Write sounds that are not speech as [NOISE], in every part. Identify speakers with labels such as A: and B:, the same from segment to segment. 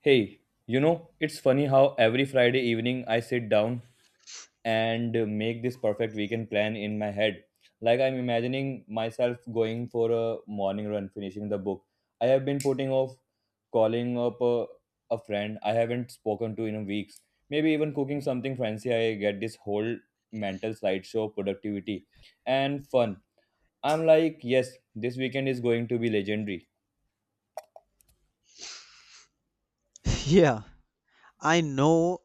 A: Hey, you know, it's funny how every Friday evening I sit down and make this perfect weekend plan in my head. Like I'm imagining myself going for a morning run, finishing the book. I have been putting off calling up a friend I haven't spoken to in weeks. Maybe even cooking something fancy. I get this whole mental slideshow productivity and fun. I'm like, yes, this weekend is going to be legendary.
B: [LAUGHS] Yeah, I know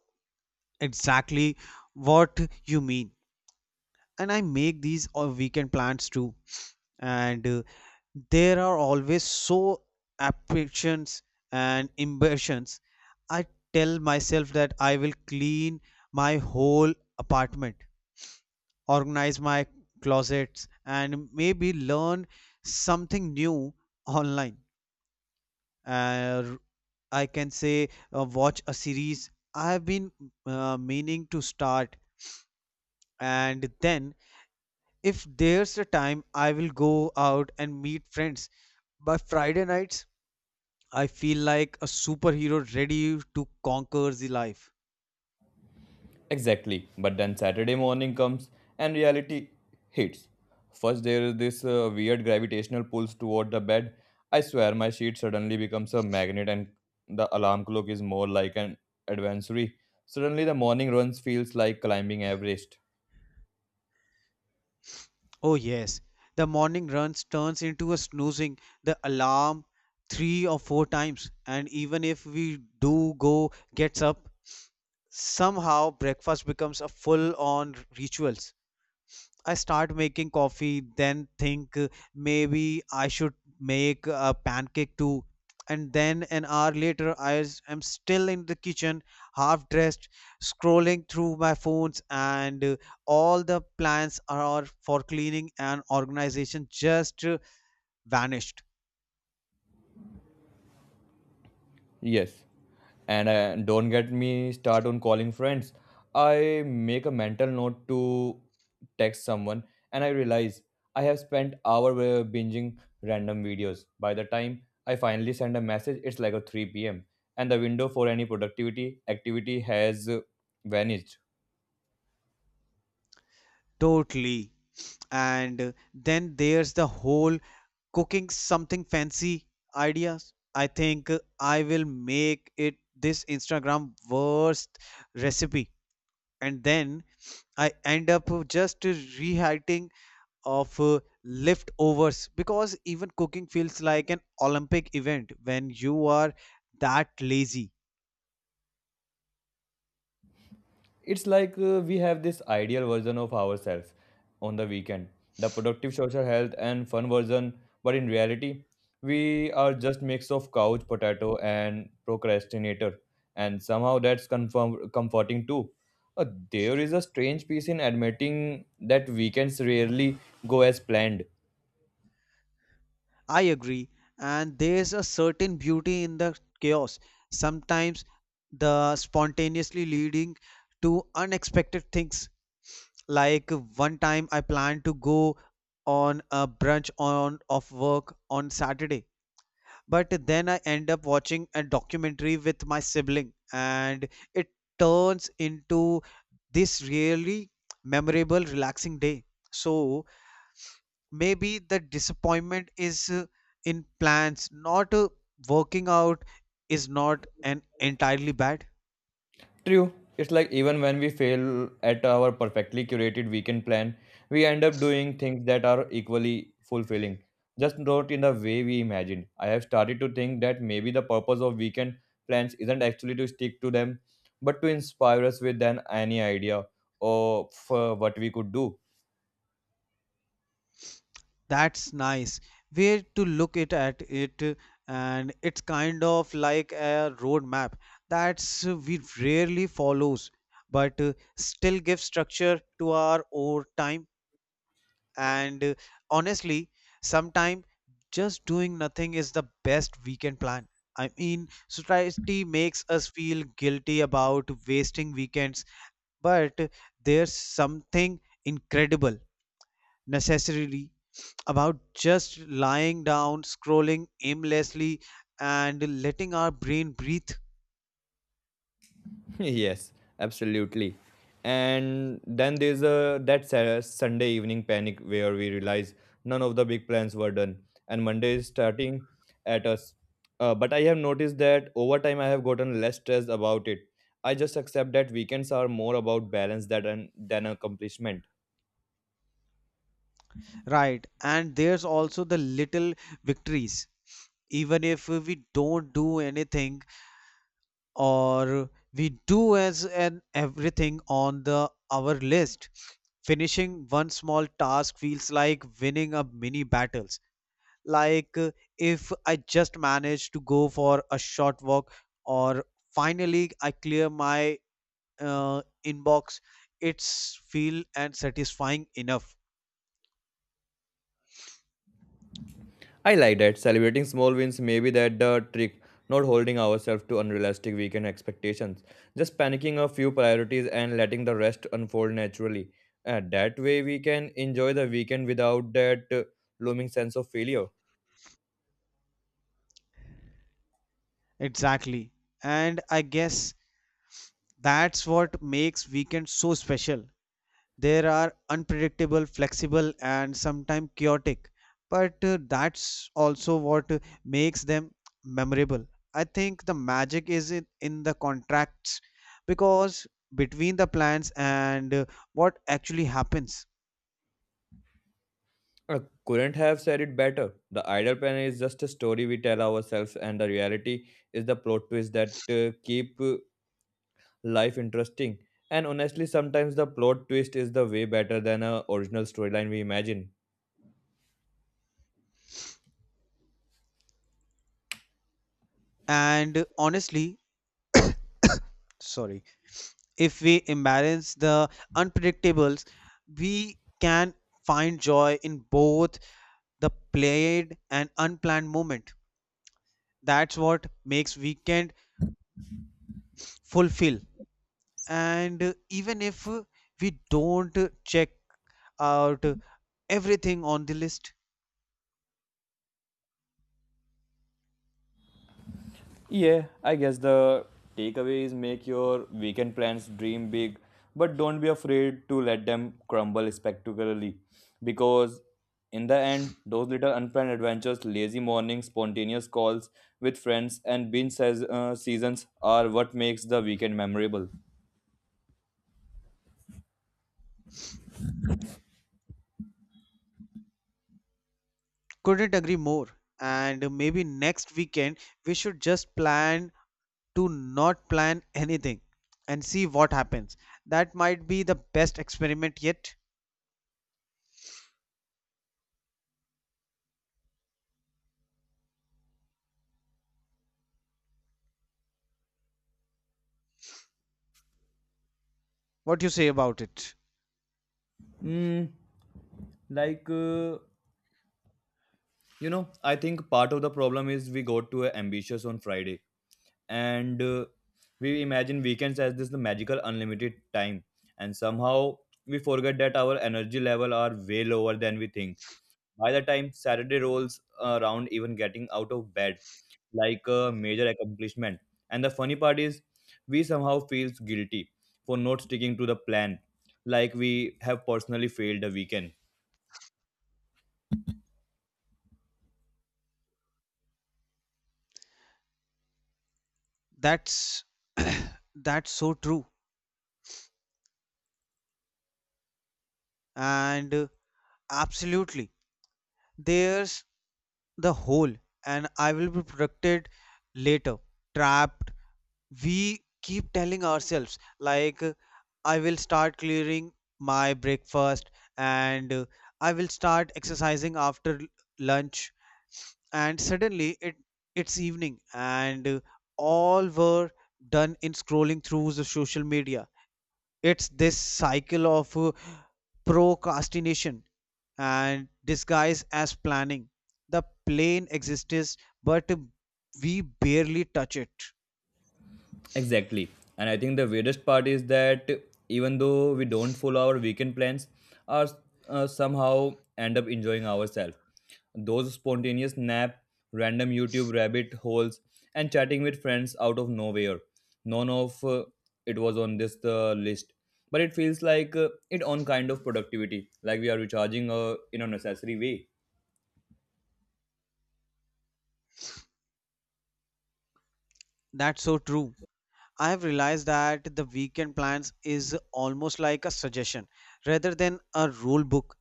B: exactly what you mean. And I make these weekend plans too. And There are always so ambitions and ambitions. I tell myself that I will clean my whole apartment, organize my closets, and maybe learn something new online. uh, I can say watch a series I have been meaning to start, and then if there's a time, I will go out and meet friends. By Friday nights, I feel like a superhero ready to conquer the life.
A: Exactly. But then Saturday morning comes and reality hits. First, there is this weird gravitational pulls toward the bed. I swear my sheet suddenly becomes a magnet and the alarm clock is more like an adventure. Suddenly, the morning runs feels like climbing Everest.
B: Oh yes, the morning runs turns into a snoozing the alarm three or four times, and even if we do go gets up, somehow breakfast becomes a full-on ritual. I start making coffee, then think maybe I should make a pancake too. And then an hour later, am still in the kitchen, half dressed, scrolling through my phones, and all the plans are for cleaning and organization just vanished.
A: Yes, and don't get me start on calling friends. I make a mental note to text someone and I realize I have spent hour binging random videos. By the time I finally send a message, it's like a 3 p.m. and the window for any productivity activity has vanished.
B: Totally. And then there's the whole cooking something fancy ideas. I think I will make it this Instagram worst recipe, and then I end up just rewriting of leftovers because even cooking feels like an Olympic event when you are that lazy.
A: It's like we have this ideal version of ourselves on the weekend, the productive social health and fun version, but in reality, we are just mix of couch potato and procrastinator, and somehow that's comforting too. There is a strange piece in admitting that weekends rarely go as planned.
B: I agree, and there's a certain beauty in the chaos. Sometimes the spontaneously leading to unexpected things. Like one time I planned to go on a brunch on of work on Saturday, but then I end up watching a documentary with my sibling, and it turns into this really memorable, relaxing day. So maybe the disappointment is in plans not working out is not an entirely bad.
A: True. It's like even when we fail at our perfectly curated weekend plan, we end up doing things that are equally fulfilling, just not in the way we imagined. I have started to think that maybe the purpose of weekend plans isn't actually to stick to them, but to inspire us with an any idea of what we could do.
B: That's nice way to look it at it and it's kind of like a roadmap that's we rarely follows but still gives structure to our own time. And honestly, sometimes just doing nothing is the best weekend plan. I mean, society makes us feel guilty about wasting weekends, but there's something incredible, necessarily, about just lying down, scrolling aimlessly, and letting our brain breathe.
A: [LAUGHS] Yes, absolutely. And then there's a that Sunday evening panic where we realize none of the big plans were done, and Monday is starting at us. But I have noticed that over time I have gotten less stressed about it. I just accept that weekends are more about balance than accomplishment.
B: Right, and there's also the little victories. Even if we don't do anything, or we do as an everything on the our list, finishing one small task feels like winning a mini battles. Like if I just manage to go for a short walk, or finally I clear my inbox, it's feel and satisfying enough.
A: I like that. Celebrating small wins maybe that the trick. Not holding ourselves to unrealistic weekend expectations. Just panicking a few priorities and letting the rest unfold naturally. That way we can enjoy the weekend without that looming sense of failure.
B: Exactly, and I guess that's what makes weekend so special. There are unpredictable, flexible, and sometimes chaotic, but that's also what makes them memorable. I think the magic is in the contracts because between the plans and what actually happens.
A: I couldn't have said it better. The idle pen is just a story we tell ourselves, and the reality is the plot twist that keep life interesting. And honestly, sometimes the plot twist is the way better than a original storyline we imagine.
B: And honestly, sorry, if we embrace the unpredictables, we can find joy in both the played and unplanned moment. That's what makes weekend fulfill and even if we don't check out everything on the list.
A: Yeah, I guess the takeaway is make your weekend plans dream big, but don't be afraid to let them crumble spectacularly. Because in the end, those little unplanned adventures, lazy mornings, spontaneous calls with friends, and binge says, seasons are what makes the weekend memorable.
B: Couldn't agree more, and maybe next weekend we should just plan to not plan anything and see what happens. That might be the best experiment yet. What do you say about it?
A: Mm, like uh, you know, I think part of the problem is we got too ambitious on Friday and we imagine weekends as this the magical unlimited time and somehow we forget that our energy level are way lower than we think by the time Saturday rolls around, even getting out of bed like a major accomplishment. And the funny part is we somehow feels guilty for not sticking to the plan, like we have personally failed the weekend.
B: That's [COUGHS] [CLEARS THROAT] that's so true, and absolutely there's the hole and I will be protected later trapped. We keep telling ourselves like I will start clearing my breakfast and I will start exercising after lunch, and suddenly it's evening and all were done in scrolling through the social media. It's this cycle of procrastination and disguise as planning. The plane exists but we barely touch it.
A: Exactly. And I think the weirdest part is that even though we don't follow our weekend plans, or somehow end up enjoying ourselves. Those spontaneous nap, random YouTube rabbit holes, and chatting with friends out of nowhere. None of it was on this list. But it feels like it own kind of productivity, like we are recharging in a necessary way.
B: That's so true. I've realized that the weekend plans is almost like a suggestion rather than a rule book.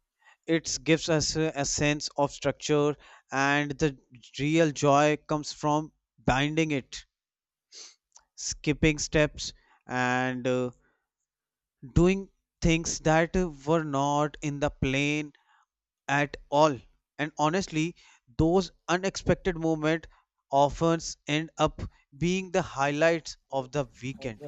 B: It gives us a sense of structure, and the real joy comes from binding it, skipping steps, and doing things that were not in the plan at all. And honestly, those unexpected moments often end up being the highlights of the weekend.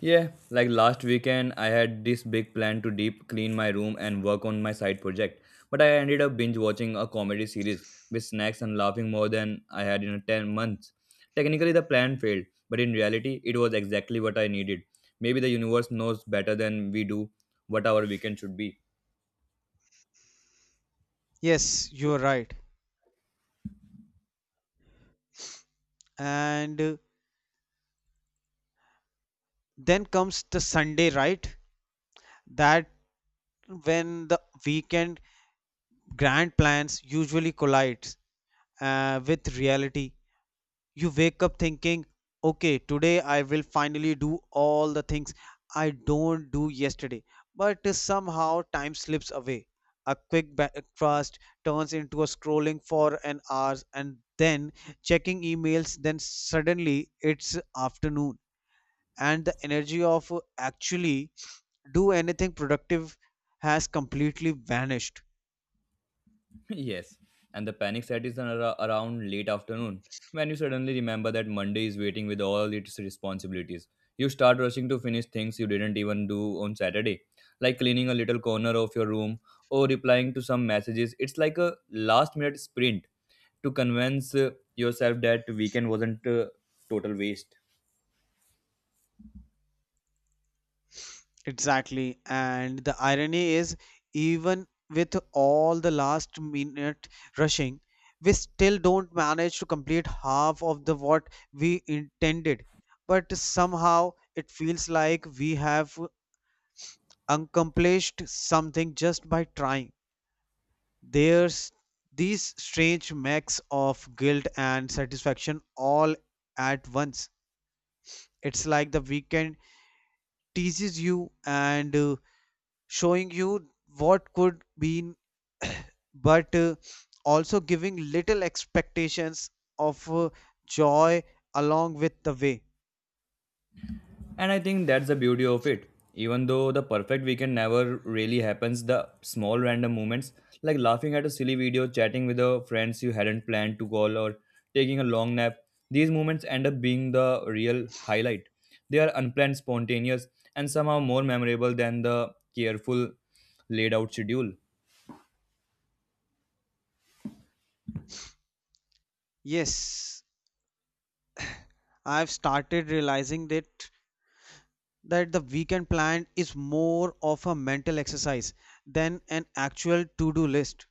A: Yeah, like last weekend, I had this big plan to deep clean my room and work on my side project. But I ended up binge watching a comedy series with snacks and laughing more than I had in 10 months. Technically, the plan failed, but in reality, it was exactly what I needed. Maybe the universe knows better than we do what our weekend should be.
B: Yes, you're right. And then comes the Sunday, right? That when the weekend grand plans usually collides with reality. You wake up thinking okay, today I will finally do all the things I don't do yesterday, but somehow time slips away. A quick breakfast turns into a scrolling for an hour, and then checking emails, then suddenly it's afternoon, and the energy of actually do anything productive has completely vanished.
A: Yes, and the panic set is around late afternoon when you suddenly remember that Monday is waiting with all its responsibilities. You start rushing to finish things you didn't even do on Saturday, like cleaning a little corner of your room or replying to some messages. It's like a last minute sprint to convince yourself that weekend wasn't a total waste.
B: Exactly. And the irony is, even with all the last minute rushing, we still don't manage to complete half of the what we intended. But somehow it feels like we have accomplished something just by trying. There's these strange mix of guilt and satisfaction all at once. It's like the weekend teases you and showing you what could be but also giving little expectations of joy along with the way.
A: And I think that's the beauty of it. Even though the perfect weekend never really happens, the small random moments, like laughing at a silly video, chatting with the friends you hadn't planned to call, or taking a long nap, these moments end up being the real highlight. They are unplanned, spontaneous, and somehow more memorable than the careful laid out schedule.
B: Yes, I've started realizing that the weekend plan is more of a mental exercise than an actual to-do list.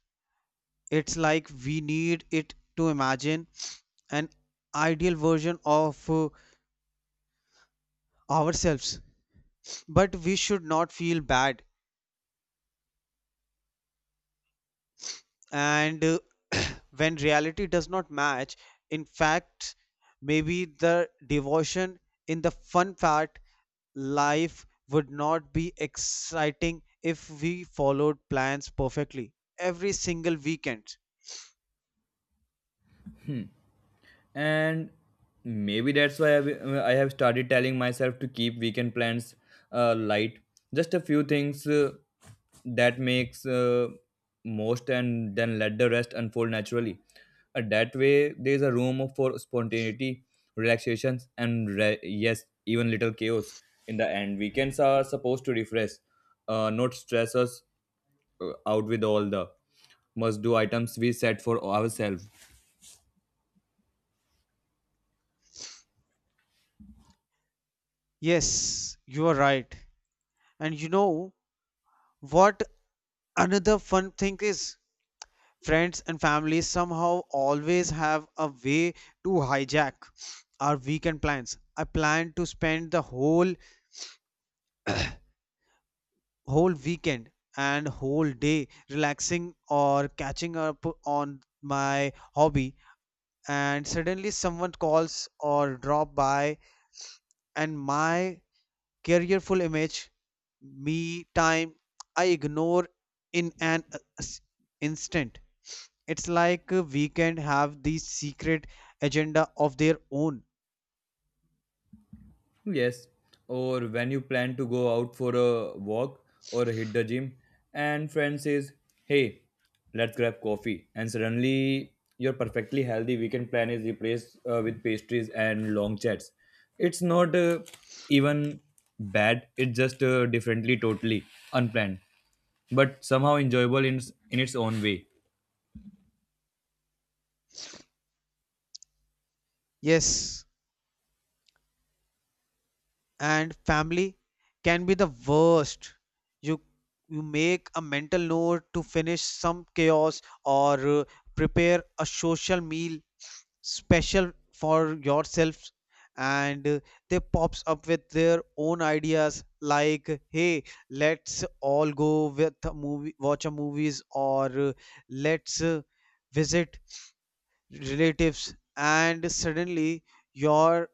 B: It's like we need it to imagine an ideal version of ourselves, but we should not feel bad, and [CLEARS THROAT] when reality does not match. In fact, maybe the devotion in the fun fact, life would not be exciting if we followed plans perfectly every single weekend.
A: Hmm. And maybe that's why I have started telling myself to keep weekend plans light, just a few things that makes most, and then let the rest unfold naturally. That way there is a room for spontaneity, relaxations and yes, even little chaos. In the end weekends are supposed to refresh, not stress us out with all the must do items we set for ourselves.
B: Yes, you are right. And you know what, another fun thing is friends and family somehow always have a way to hijack our weekend plans. I planned to spend the whole weekend and whole day relaxing or catching up on my hobby, and suddenly someone calls or drop by, and my careful image me time I ignore in an instant. It's like a weekend have the secret agenda of their own.
A: Yes, or when you plan to go out for a walk or hit the gym, and friend says, "Hey, let's grab coffee," and suddenly your perfectly healthy weekend plan is replaced with pastries and long chats. It's not even bad; it's just differently, totally unplanned, but somehow enjoyable in its own way.
B: Yes, and family can be the worst. You you make a mental note to finish some chaos or prepare a social meal special for yourself, and they pops up with their own ideas like hey, let's all go with a movie, watch a movies, or let's visit relatives, and suddenly your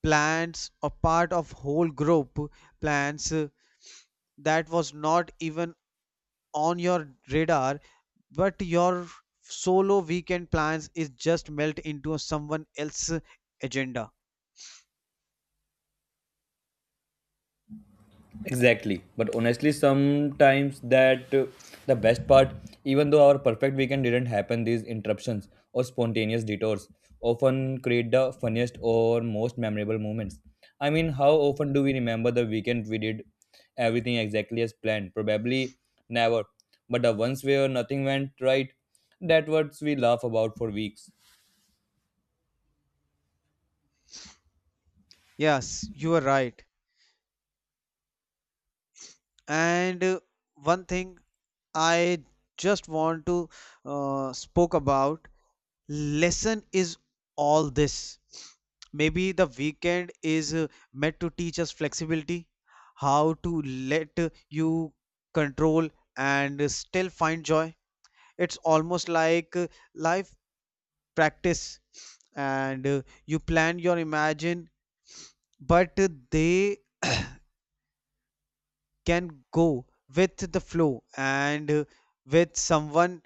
B: plants or part of whole group plants that was not even on your radar, but your solo weekend plans is just melt into someone else's agenda.
A: Exactly. But honestly, sometimes that the best part, even though our perfect weekend didn't happen, these interruptions or spontaneous detours often create the funniest or most memorable moments. I mean, how often do we remember the weekend we did everything exactly as planned? Probably never. But the ones where nothing went right, that what we laugh about for weeks.
B: Yes, you are right. And one thing I just want to spoke about lesson is all this. Maybe the weekend is meant to teach us flexibility, how to let you control and still find joy. It's almost like life practice, and you plan your imagine, but they can go with the flow and with someone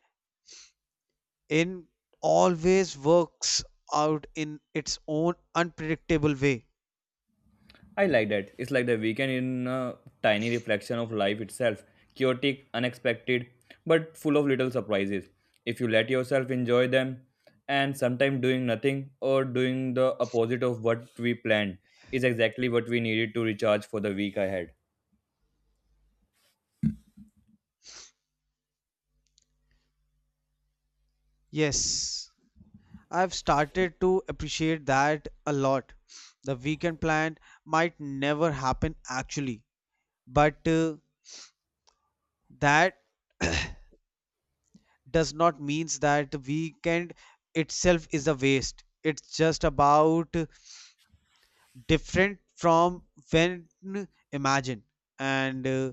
B: in always works out in its own unpredictable way.
A: I like that. It's like the weekend in a tiny reflection of life itself, chaotic, unexpected, but full of little surprises. If you let yourself enjoy them, and sometimes doing nothing or doing the opposite of what we planned is exactly what we needed to recharge for the week ahead.
B: Yes, I've started to appreciate that a lot. The weekend plan might never happen actually, but that does not means that the weekend itself is a waste. It's just about different from when imagined, and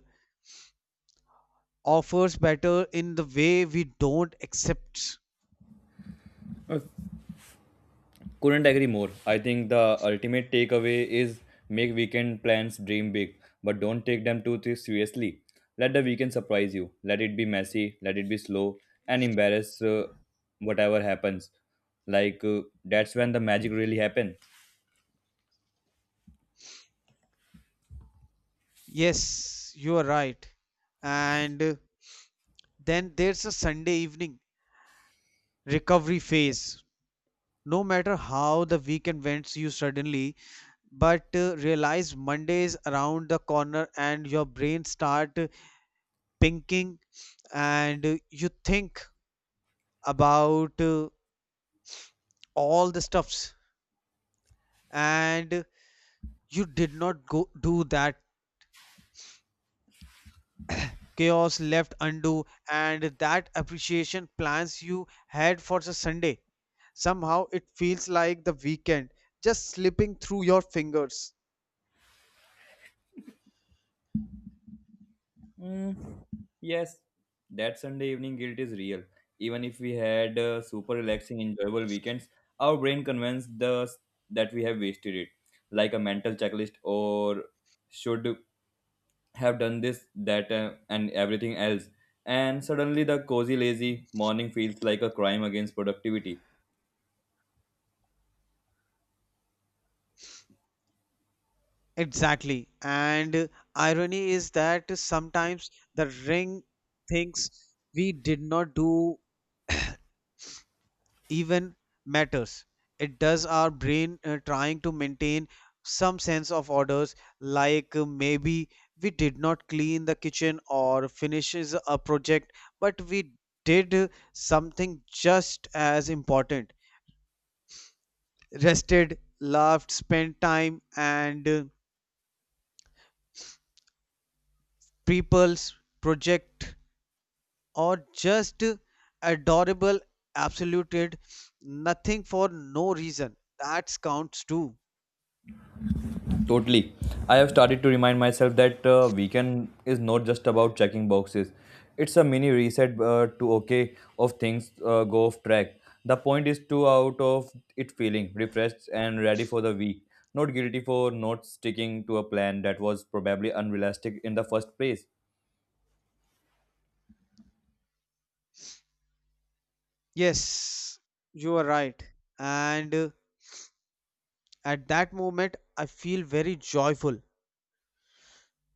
B: offers better in the way we don't accept.
A: Couldn't agree more. I think the ultimate takeaway is make weekend plans dream big, but don't take them too seriously. Let the weekend surprise you. Let it be messy, let it be slow, and embarrass whatever happens. That's when the magic really happens.
B: Yes, you are right. And then there's a Sunday evening recovery phase. No matter how the weekend went, you suddenly but realize Monday is around the corner, and your brain start pinking, and you think about all the stuffs, and you did not go do that chaos left undo, and that appreciation plans you had for the Sunday. Somehow it feels like the weekend just slipping through your fingers.
A: Mm, yes, that Sunday evening guilt is real. Even if we had super relaxing, enjoyable weekends, our brain convinced us that we have wasted it. Like a mental checklist, or should have done this, that, and everything else. And suddenly, the cozy, lazy morning feels like a crime against productivity.
B: Exactly. And irony is that sometimes the ring thinks we did not do even matters. It does our brain trying to maintain some sense of orders, like maybe we did not clean the kitchen or finishes a project, but we did something just as important. Rested, laughed, spent time, and people's project or just adorable absoluted nothing for no reason that counts too.
A: Totally. I have started to remind myself that weekend is not just about checking boxes. It's a mini reset to okay of things go off track. The point is to out of it feeling refreshed and ready for the week. Not guilty for not sticking to a plan that was probably unrealistic in the first place.
B: Yes, you are right, and at that moment I feel very joyful,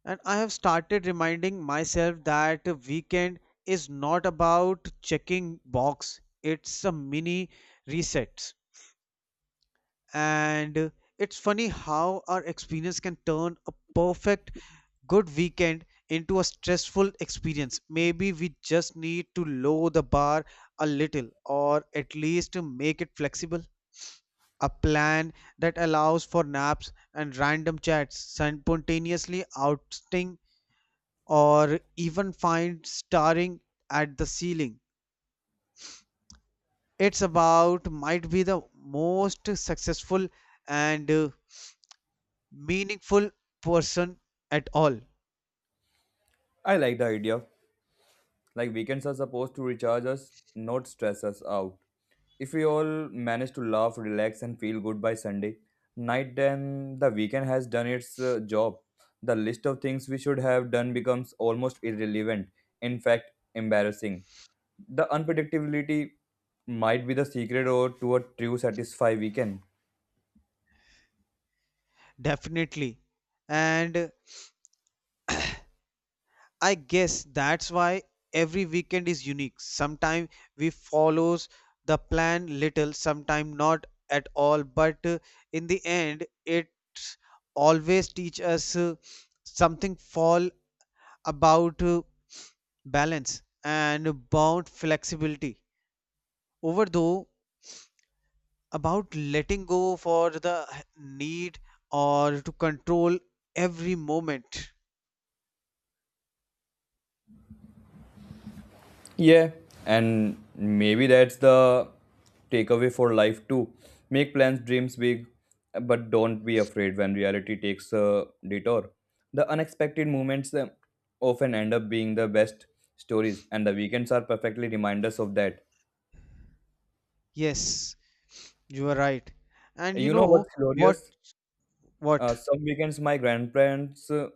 B: and I have started reminding myself that a weekend is not about checking box, it's a mini reset, and it's funny how our experience can turn a perfect good weekend into a stressful experience. Maybe we just need to lower the bar a little, or at least make it flexible. A plan that allows for naps and random chats, spontaneously outing, or even find staring at the ceiling. It's about might be the most successful and meaningful person at all.
A: I like the idea. Like weekends are supposed to recharge us, not stress us out. If we all manage to laugh, relax, and feel good by Sunday night, then the weekend has done its job. The list of things we should have done becomes almost irrelevant, in fact, embarrassing. The unpredictability might be the secret or to a true satisfy weekend.
B: Definitely, and I guess that's why every weekend is unique. Sometimes we follows the plan little, sometimes not at all, but in the end it always teach us something fall about balance and about flexibility. Over though about letting go for the need or to control every moment.
A: Yeah, and maybe that's the takeaway for life too. Make plans, dreams big, but don't be afraid when reality takes a detour. The unexpected moments often end up being the best stories, and the weekends are perfectly reminders of that.
B: Yes, you are right. And you
A: You know
B: know
A: what's
B: what
A: hilarious?
B: what
A: Some weekends, my grandparents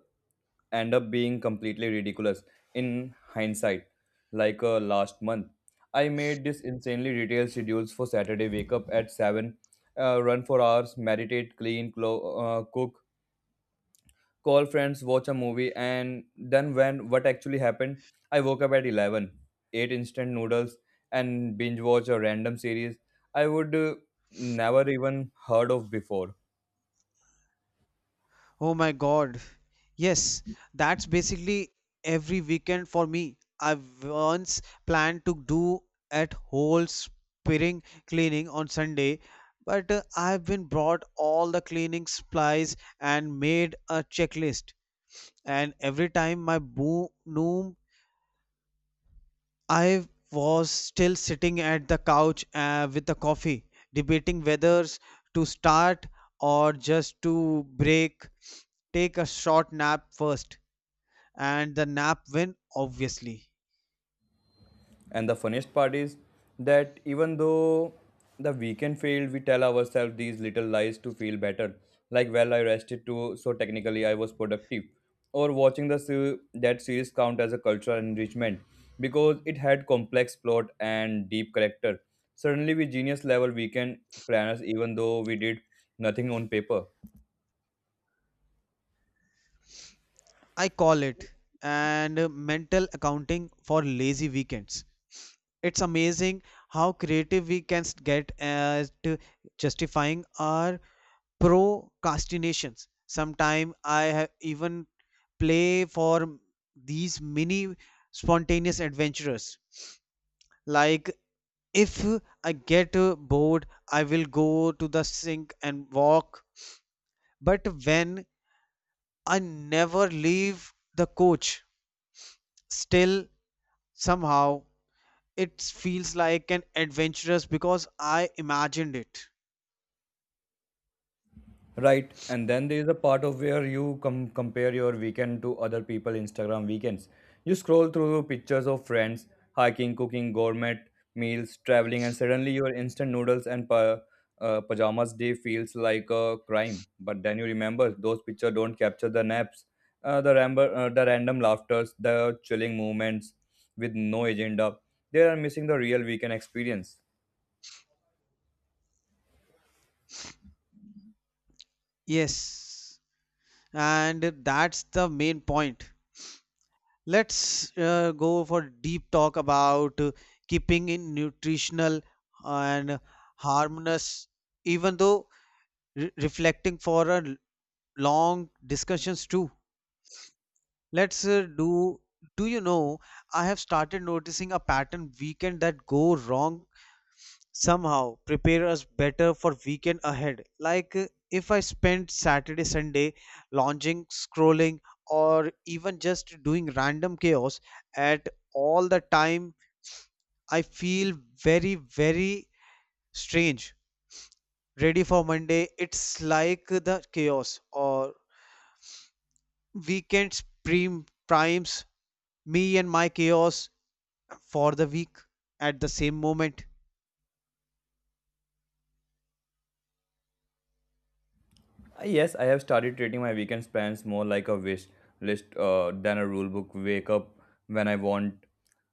A: end up being completely ridiculous in hindsight. Last month, I made this insanely detailed schedules for Saturday. Wake up at seven, run for hours, meditate, clean, cook, call friends, watch a movie, and then when what actually happened, I woke up at 11, ate instant noodles, and binge watch a random series I would never even heard of before.
B: Oh my God. Yes, that's basically every weekend for me. I once planned to do at whole spring cleaning on Sunday, but I've been brought all the cleaning supplies and made a checklist. And every time my boom noom, I was still sitting at the couch with a coffee, debating whether to start or just to break, take a short nap first, and the nap win obviously.
A: And the funniest part is that even though the weekend failed, we tell ourselves these little lies to feel better. Like, well, I rested too, so technically I was productive. Or watching the that series count as a cultural enrichment because it had complex plot and deep character. Suddenly, we genius level weekend planners, even though we did nothing on paper.
B: I call it and mental accounting for lazy weekends. It's amazing how creative we can get at to justifying our procrastinations. Sometimes I have even play for these mini spontaneous adventurers, like if I get bored I will go to the sink and walk, but when I never leave the coach. Still, somehow, it feels like an adventurous because I imagined it.
A: Right, and then there is a part of where you compare your weekend to other people Instagram weekends. You scroll through pictures of friends hiking, cooking, gourmet meals, traveling, and suddenly your instant noodles and pajamas day feels like a crime. But then you remember those pictures don't capture the naps, the ramble, the random laughters, the chilling moments with no agenda. They are missing the real weekend experience.
B: Yes, and that's the main point. Let's go for deep talk about keeping in nutritional and harmonious, even though reflecting for a long discussions too. Let's do. Do you know? I have started noticing a pattern weekend that go wrong somehow prepare us better for weekend ahead. Like if I spend Saturday, Sunday lounging, scrolling, or even just doing random chaos at all the time, I feel very, very strange. Ready for Monday? It's like the chaos or weekend primes me and my chaos for the week at the same moment.
A: Yes, I have started treating my weekend plans more like a wish list than a rule book. Wake up when I want,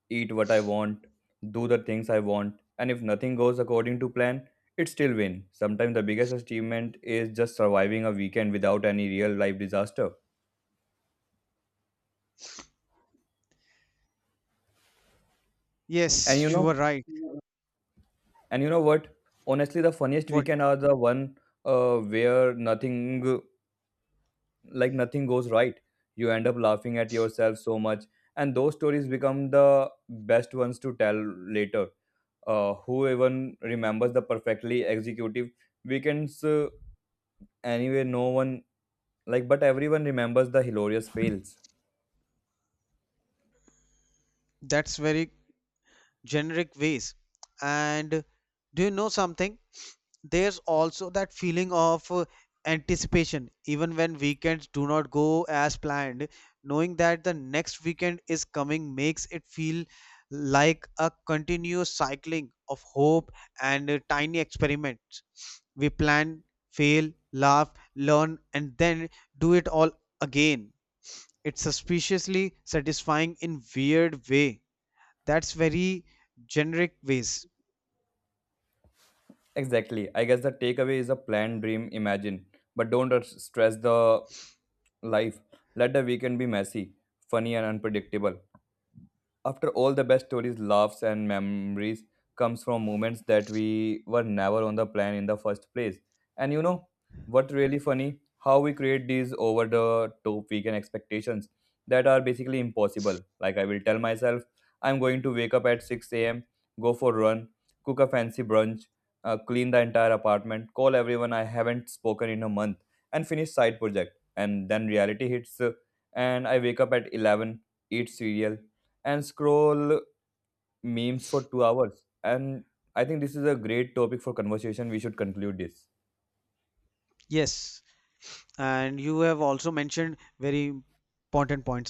A: eat what I want, do the things I want, and if nothing goes according to plan, it still win. Sometimes the biggest achievement is just surviving a weekend without any real life disaster. And you
B: Yes, you were
A: know,
B: right.
A: and you know what? Honestly, the funniest
B: But
A: weekend are the one where nothing goes right. You end up laughing at yourself so much, and those stories become the best ones to tell later. Uh, who even remembers the perfectly executive weekends anyway? No one, like, but everyone remembers the hilarious fails.
B: that's very generic ways. And do you know something? There's also that feeling of anticipation, even when weekends do not go as planned. Knowing that the next weekend is coming makes it feel like a continuous cycling of hope and tiny experiments. We plan, fail, laugh, learn, and then do it all again. It's suspiciously satisfying in weird way. That's very generic ways.
A: Exactly, I guess the takeaway is a planned dream imagine, but don't stress the life. Let the weekend be messy, funny and unpredictable. After all, the best stories, laughs, and memories comes from moments that we were never on the plan in the first place. And you know what really funny? How we create these over the top weekend expectations that are basically impossible. Like I will tell myself, I'm going to wake up at 6 a.m., go for a run, cook a fancy brunch, clean the entire apartment, call everyone I haven't spoken in a month, and finish side project. And then reality hits, and I wake up at 11, eat cereal and scroll memes for 2 hours. And I think this is a great topic for conversation. We should conclude this.
B: Yes, and you have also mentioned very important points on.